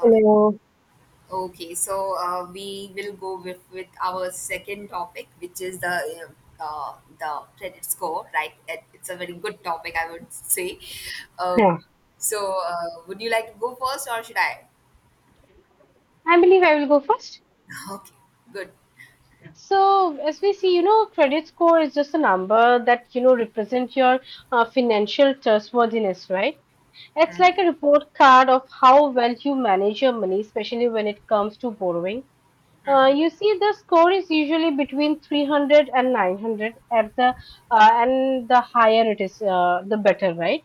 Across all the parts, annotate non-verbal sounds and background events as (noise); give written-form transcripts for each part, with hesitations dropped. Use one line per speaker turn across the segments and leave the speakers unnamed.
Okay.
Hello.
Okay. So we will go with our second topic, which is the credit score. Right. It's a very good topic, I would say. Okay.
Yeah.
So would you like to go first, or should I?
I believe I will go first.
(laughs) Okay. Good.
So, as we see, you know, credit score is just a number that, you know, represent your financial trustworthiness, right? It's
Mhm.
like a report card of how well you manage your money, especially when it comes to borrowing.
Mhm.
You see, the score is usually between 300 and 900. At the and the higher it is, the better, right?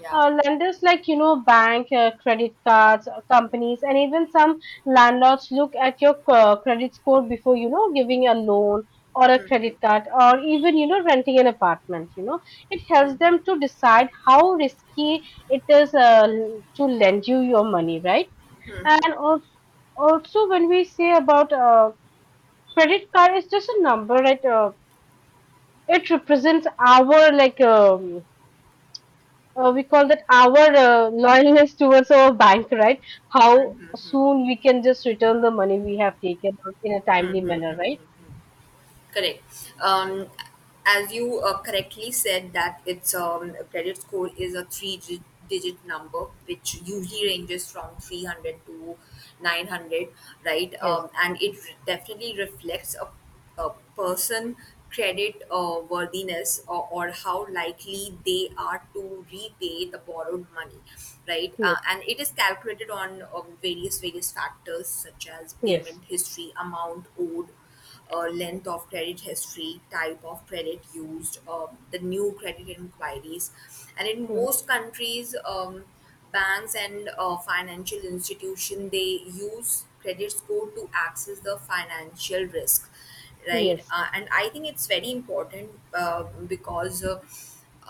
Yeah.
Lenders like, you know, bank, credit cards, companies, and even some landlords look at your credit score before, you know, giving a loan or a
Mhm.
credit card or even, you know, renting an apartment. You know, it helps
Mhm.
them to decide how risky it is to lend you your money, right?
Mhm.
And also, also when we say about credit card, it's just a number, right? It represents our, like, we call that our loyalness towards our bank, right? How soon we can just return the money we have taken out in a timely manner,
Mhm.
right?
Correct. As you correctly said that its credit score is a three-digit number, which usually ranges from 300 to 900, right?
Yes,
And definitely reflects a person credit worthiness or how likely they are to repay the borrowed money, right.
yes,
And it is calculated on various factors such as
yes.
payment history, amount owed, length of credit history, type of credit used, the new credit inquiries. And in
Mm-hmm.
most countries, banks and financial institution they use credit score to access the financial risk, right?
Yes,
And I think it's very important because uh,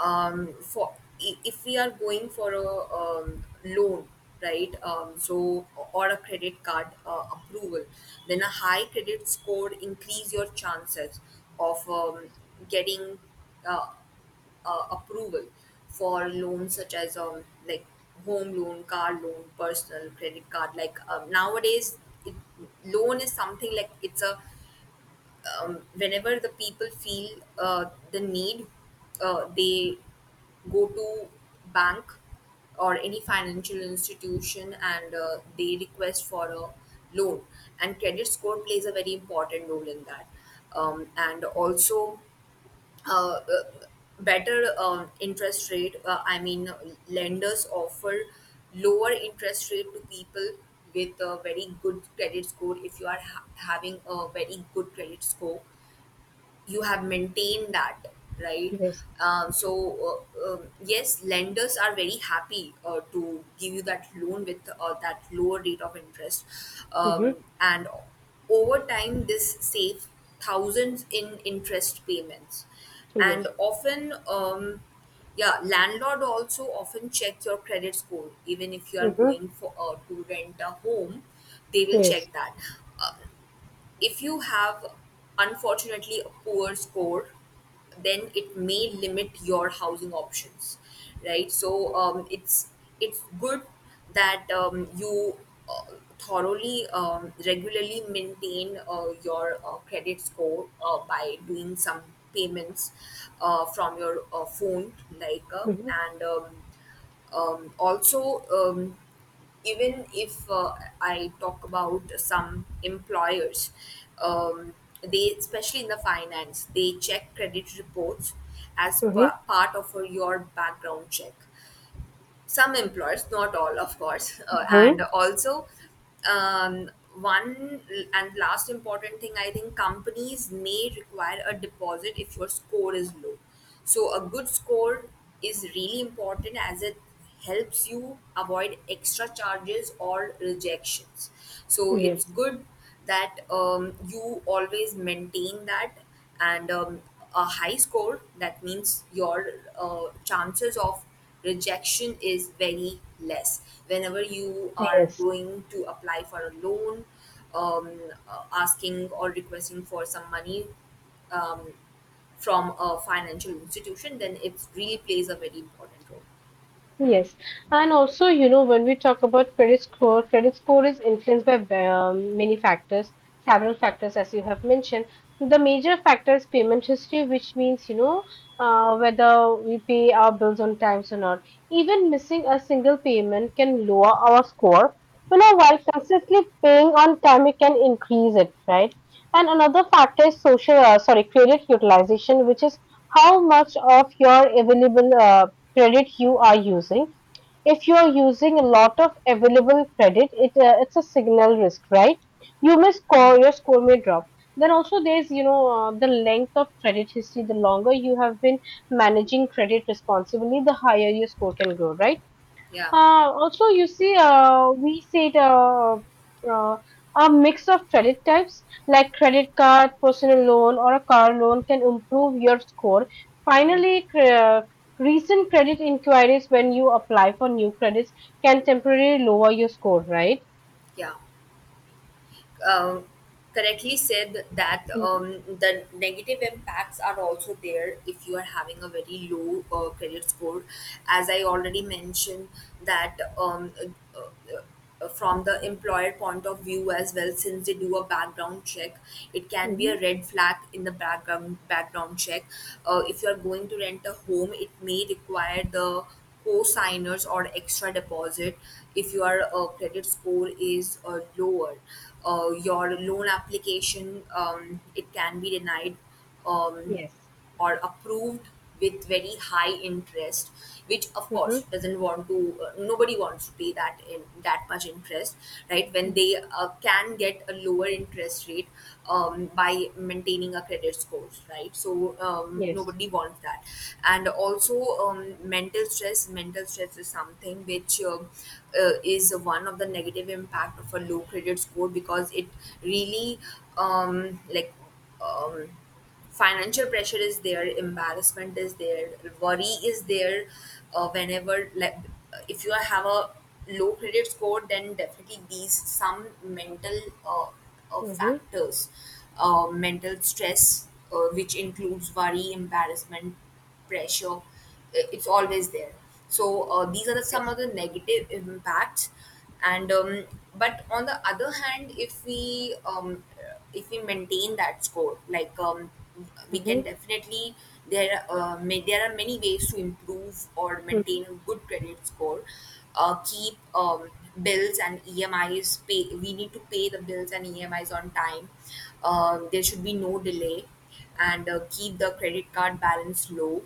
um, for if we are going for a loan, right. So or a credit card approval, then a high credit score increase your chances of getting uh, approval for loans such as like home loan, car loan, personal credit card. Like nowadays it, loan is something like it's a, whenever the people feel uh, the need, they go to bank or any financial institution and they request for a loan. And credit score plays a very important role in that. And also, uh, uh, better interest rate. I mean, lenders offer lower interest rate to people with a very good credit score. If you are having a very good credit score, you have maintained that, right.
yes.
Yes, lenders are very happy to give you that loan with that lower rate of interest.
Mm-hmm.
And over time this saves thousands in interest payments. And
Yes.
often, yeah, landlord also often check your credit score. Even if you are
Mm-hmm.
going for to rent a home, they will
Yes.
check that. If you have unfortunately a poor score, then it may limit your housing options, right. So it's good that you uh, thoroughly, regularly maintain your credit score by doing some payments from your phone like
Mm-hmm.
and also. Even if I talk about some employers, um, they, especially in the finance, they check credit reports as
Mm-hmm.
part of your background check. Some employers, not all, of course. uh, and
Mm-hmm.
also um, one and last important thing, I think companies may require a deposit if your score is low. So a good score is really important as it helps you avoid extra charges or rejections. So it's
Yes,
good that you always maintain that. And a high score, that means your chances of rejection is very less whenever you are
yes.
going to apply for a loan, um, asking or requesting for some money um, from a financial institution. Then it really plays a very important role.
Yes, and also, you know, when we talk about credit score is influenced by many factors, several factors, as you have mentioned. The major factor is payment history, which means, you know, whether we pay our bills on times or not. Even missing a single payment can lower our score. You know, while consistently paying on time, it can increase it, right? And another factor is social, sorry, credit utilization, which is how much of your available credit you are using. If you are using a lot of available credit, it's a signal risk, right? Your score may drop. Then also there's, you know, the length of credit history. The longer you have been managing credit responsibly, the higher your score can go, right?
Yeah,
Also, you see, we said uh, a mix of credit types like credit card, personal loan, or a car loan can improve your score. Finally, recent credit inquiries when you apply for new credits can temporarily lower your score, right?
yeah, um, Correctly said that
Mm-hmm.
the negative impacts are also there if you are having a very low credit score. As I already mentioned that uh, uh, from the employer point of view as well, since they do a background check, it can be
Mm-hmm.
a red flag in the background check. If you are going to rent a home, it may require the co-signers or extra deposit. If your credit score is lower, your loan application, it can be denied, um,
Yes.
or approved with very high interest, which of
Mm-hmm.
course doesn't want to, nobody wants to pay that in that much interest, right, when
Mm-hmm.
they can get a lower interest rate by maintaining a credit score, right. So
Yes.
nobody wants that. And also, mental stress, mental stress is something which is one of the negative impact of a low credit score because it really, um, like um, financial pressure is there, embarrassment is there, worry is there, whenever, like, if you have a low credit score, then definitely these some mental uh,
Mm-hmm.
factors, mental stress, which includes worry, embarrassment, pressure, it's always there. So these are the, some
Yes.
of the negative impacts. And um, but on the other hand, if we, if we maintain that score, like, we can
Mm-hmm.
definitely, there may, there are many ways to improve or
Mm-hmm.
maintain a good credit score. Keep bills and emis pay, we need to pay the bills and emis on time, there should be no delay. And keep the credit card balance low,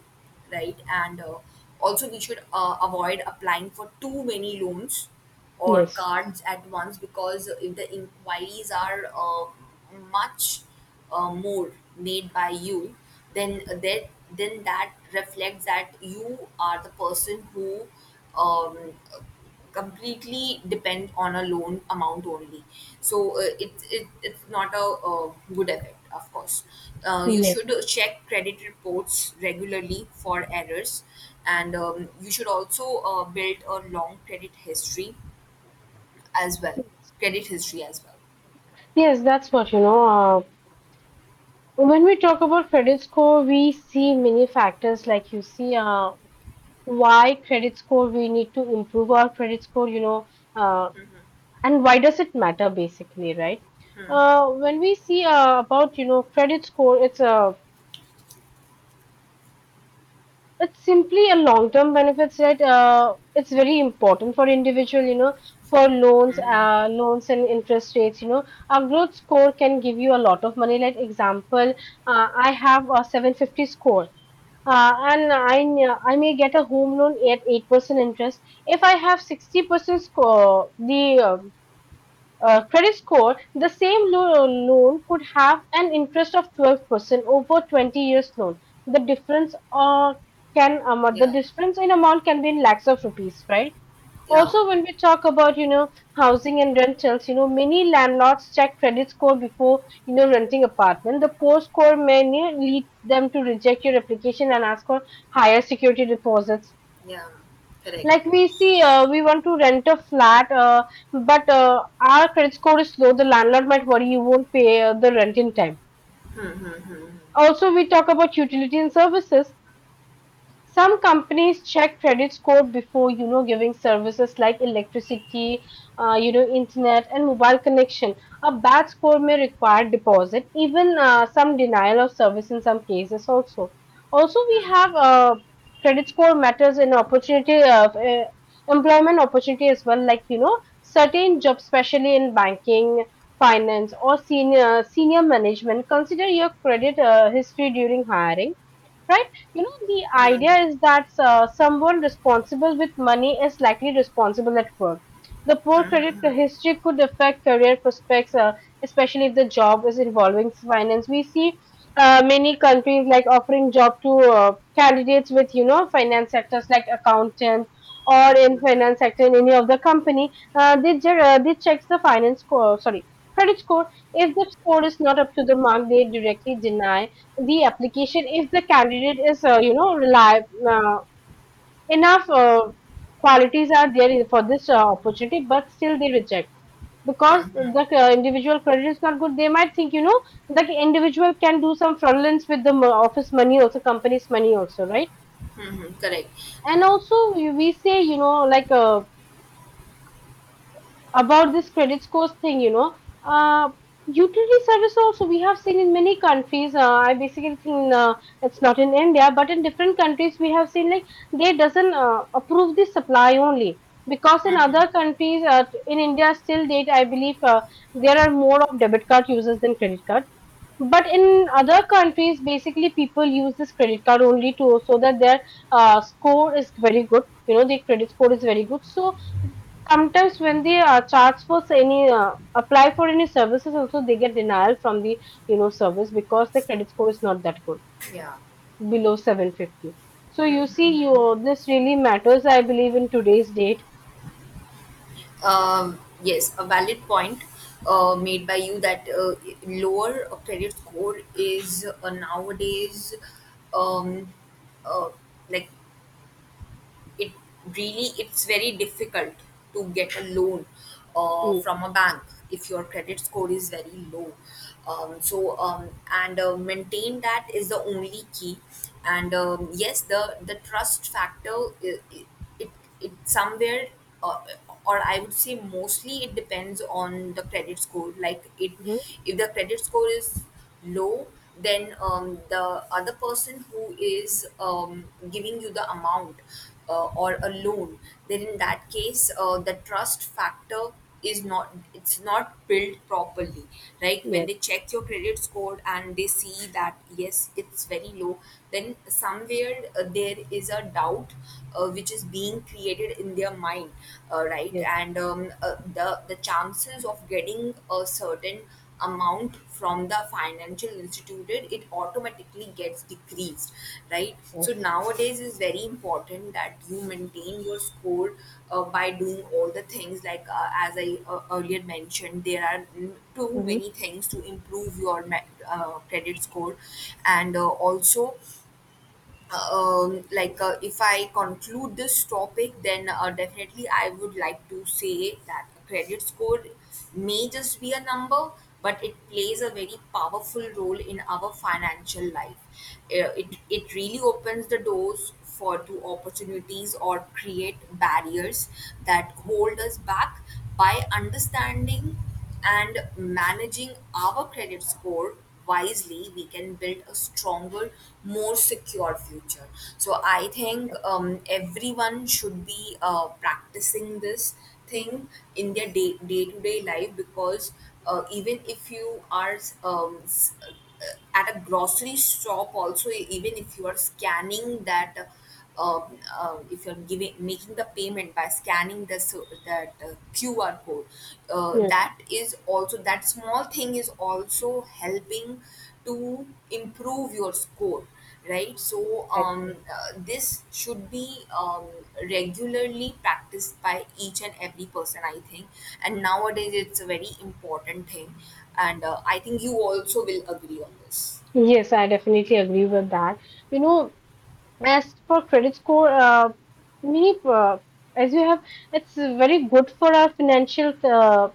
right? And also, we should avoid applying for too many loans or
Yes.
cards at once, because if the inquiries are much more made by you, then that reflects that you are the person who um, completely depend on a loan amount only. So it it's not a, uh, good effect, of course. You
Yes.
should check credit reports regularly for errors. And you should also build a long credit history as well, credit history as well.
Yes, that's what you know. When we talk about credit score, we see many factors like you see, why credit score we need to improve our credit score, you know, uh, and why does it matter basically, right? When we see about, you know, credit score, it's simply a long term benefits that it's very important for individual, you know, for loans and interest rates, you know, a good score can give you a lot of money. Like example, I have a 750 score. And I may get a home loan at 8% interest. If I have 60% score, the credit score, the same loan could have an interest of 12% over 20 years loan. The difference uh, the
Yeah,
difference in amount can be in lakhs of rupees, right?
yeah,
Also, when we talk about, you know, housing and rentals, you know, many landlords check credit score before, you know, renting apartment. The poor score may lead them to reject your application and ask for higher security deposits.
yeah. Correct.
Like we see, we want to rent a flat, but our credit score is low. The landlord might worry you won't pay the rent in time. Also, we talk about utility and services. Some companies check credit score before, you know, giving services like electricity, you know, internet and mobile connection. A bad score may require deposit, even some denial of service in some cases also. Also, we have credit score matters in opportunity of employment opportunity as well, like, you know, certain jobs, especially in banking, finance or senior management, consider your credit history during hiring, right? You know, the idea is that someone responsible with money is likely responsible at work. The poor credit history could affect career prospects, especially if the job is involving finance. We see, many countries like offering job to candidates with, you know, finance sectors like accountant or in finance sector in any of the company. They checks the finance score, sorry, credit score. If the score is not up to the mark, they directly deny the application if the candidate is, you know, reliable enough, qualities are there for this opportunity, but still they reject because the individual credit is not good. They might think, you know, the individual can do some fraudulence with the office money also, company's money also, right?
Hmm, correct.
And also we say, you know, like, about this credit scores thing, you know, uh, utility service also we have seen in many countries. I basically think it's not in India, but in different countries we have seen like they doesn't approve the supply only because in other countries, in India still date I believe there are more of debit card users than credit card. But in other countries, basically people use this credit card only to so that their score is very good. You know, the credit score is very good. So sometimes when they charge for any apply for any services also they get denial from the, you know, service because the credit score is not that good,
Yeah.
below 750. So you see, you, this really matters, I believe, in today's date.
Yes, a valid point made by you that lower credit score is nowadays, um, uh, like, it really, it's very difficult to get a loan from a bank if your credit score is very low. So and Maintain that is the only key. And yes, the trust factor. I- it somewhere, uh, or I would say mostly it depends on the credit score. Like it,
Mm-hmm.
if the credit score is low, then the other person who is, giving you the amount or a loan, then in that case the trust factor is not, it's not built properly, right. When
Yes,
they check your credit score and they see that yes, it's very low, then somewhere there is a doubt which is being created in their mind, right.
yes,
And the chances of getting a certain amount from the financial institute, it automatically gets decreased, right. So
yes.
nowadays is very important that you maintain your score by doing all the things, like as I earlier mentioned, there are, mm, too
Mm-hmm.
many things to improve your credit score. And also like, if I conclude this topic, then definitely I would like to say that a credit score may just be a number, but it plays a very powerful role in our financial life. It, it really opens the doors for to opportunities or create barriers that hold us back. By understanding and managing our credit score wisely, we can build a stronger, more secure future. So I think everyone should be practicing this thing in their day to day life, because even if you are um, s- at a grocery shop also, even if you are scanning that uh, if you're giving, making the payment by scanning this that QR code,
Yes.
that is also, that small thing is also helping to improve your score, right. so
Exactly.
um, uh, this should be, regularly practiced by each and every person, I think. And nowadays it's a very important thing. And I think you also will agree on this.
Yes, I definitely agree with that. You know, as for credit score, many as you have, it's very good for our financial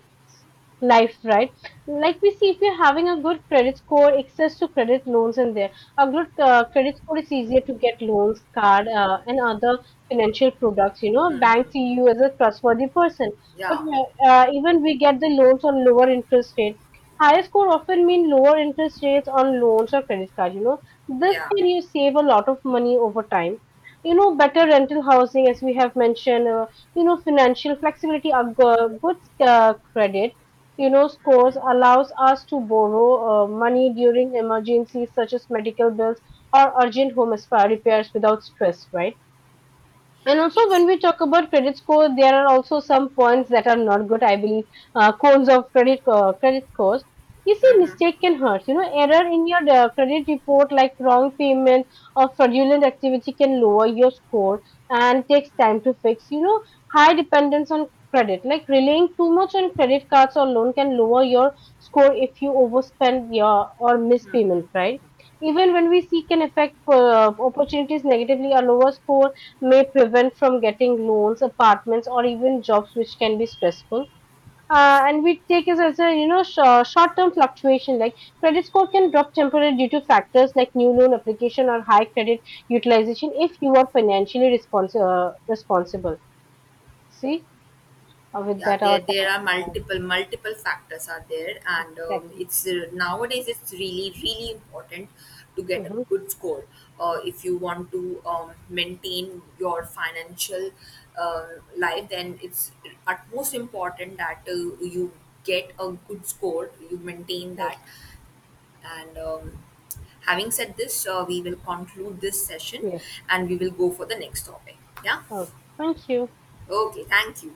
life, right? Like we see, if you're having a good credit score, access to credit loans in there. A good credit score is easier to get loans, card, and other financial products. You know, banks see you as a trustworthy person. But
Yeah,
uh, uh, even we get the loans on lower interest rate. Higher score often mean lower interest rates on loans or credit card. You know this
yeah.
can you save a lot of money over time. You know, better rental housing, as we have mentioned, you know, financial flexibility, a good credit, you know, scores allows us to borrow money during emergencies such as medical bills or urgent home spa repairs without stress, right? And also,
Yes.
when we talk about credit score, there are also some points that are not good. I believe cons of credit scores. You see, mistake can hurt. You know, error in your credit report, like wrong payment or fraudulent activity, can lower your score and takes time to fix. You know, high dependence on credit, like relying too much on credit cards or loan, can lower your score if you overspend your or miss payment. Right? Even when we see, can affect opportunities negatively. A lower score may prevent from getting loans, apartments, or even jobs, which can be stressful. And we take it as, a you know, short-term fluctuation. Like credit score can drop temporarily due to factors like new loan application or high credit utilization if you are financially responsible. See, with
Yeah,
that
there
our time
there
is
are
up.
multiple factors are there. And
Exactly.
it's, nowadays it's really really important to get a
Hmm.
good score, if you want to, maintain your financial uh, life. Then it's utmost important that you get a good score, you maintain that.
Yes,
And Having said this, we will conclude this session
yes.
and we will go for the next topic. Yeah.
Oh, thank you.
Okay, thank you.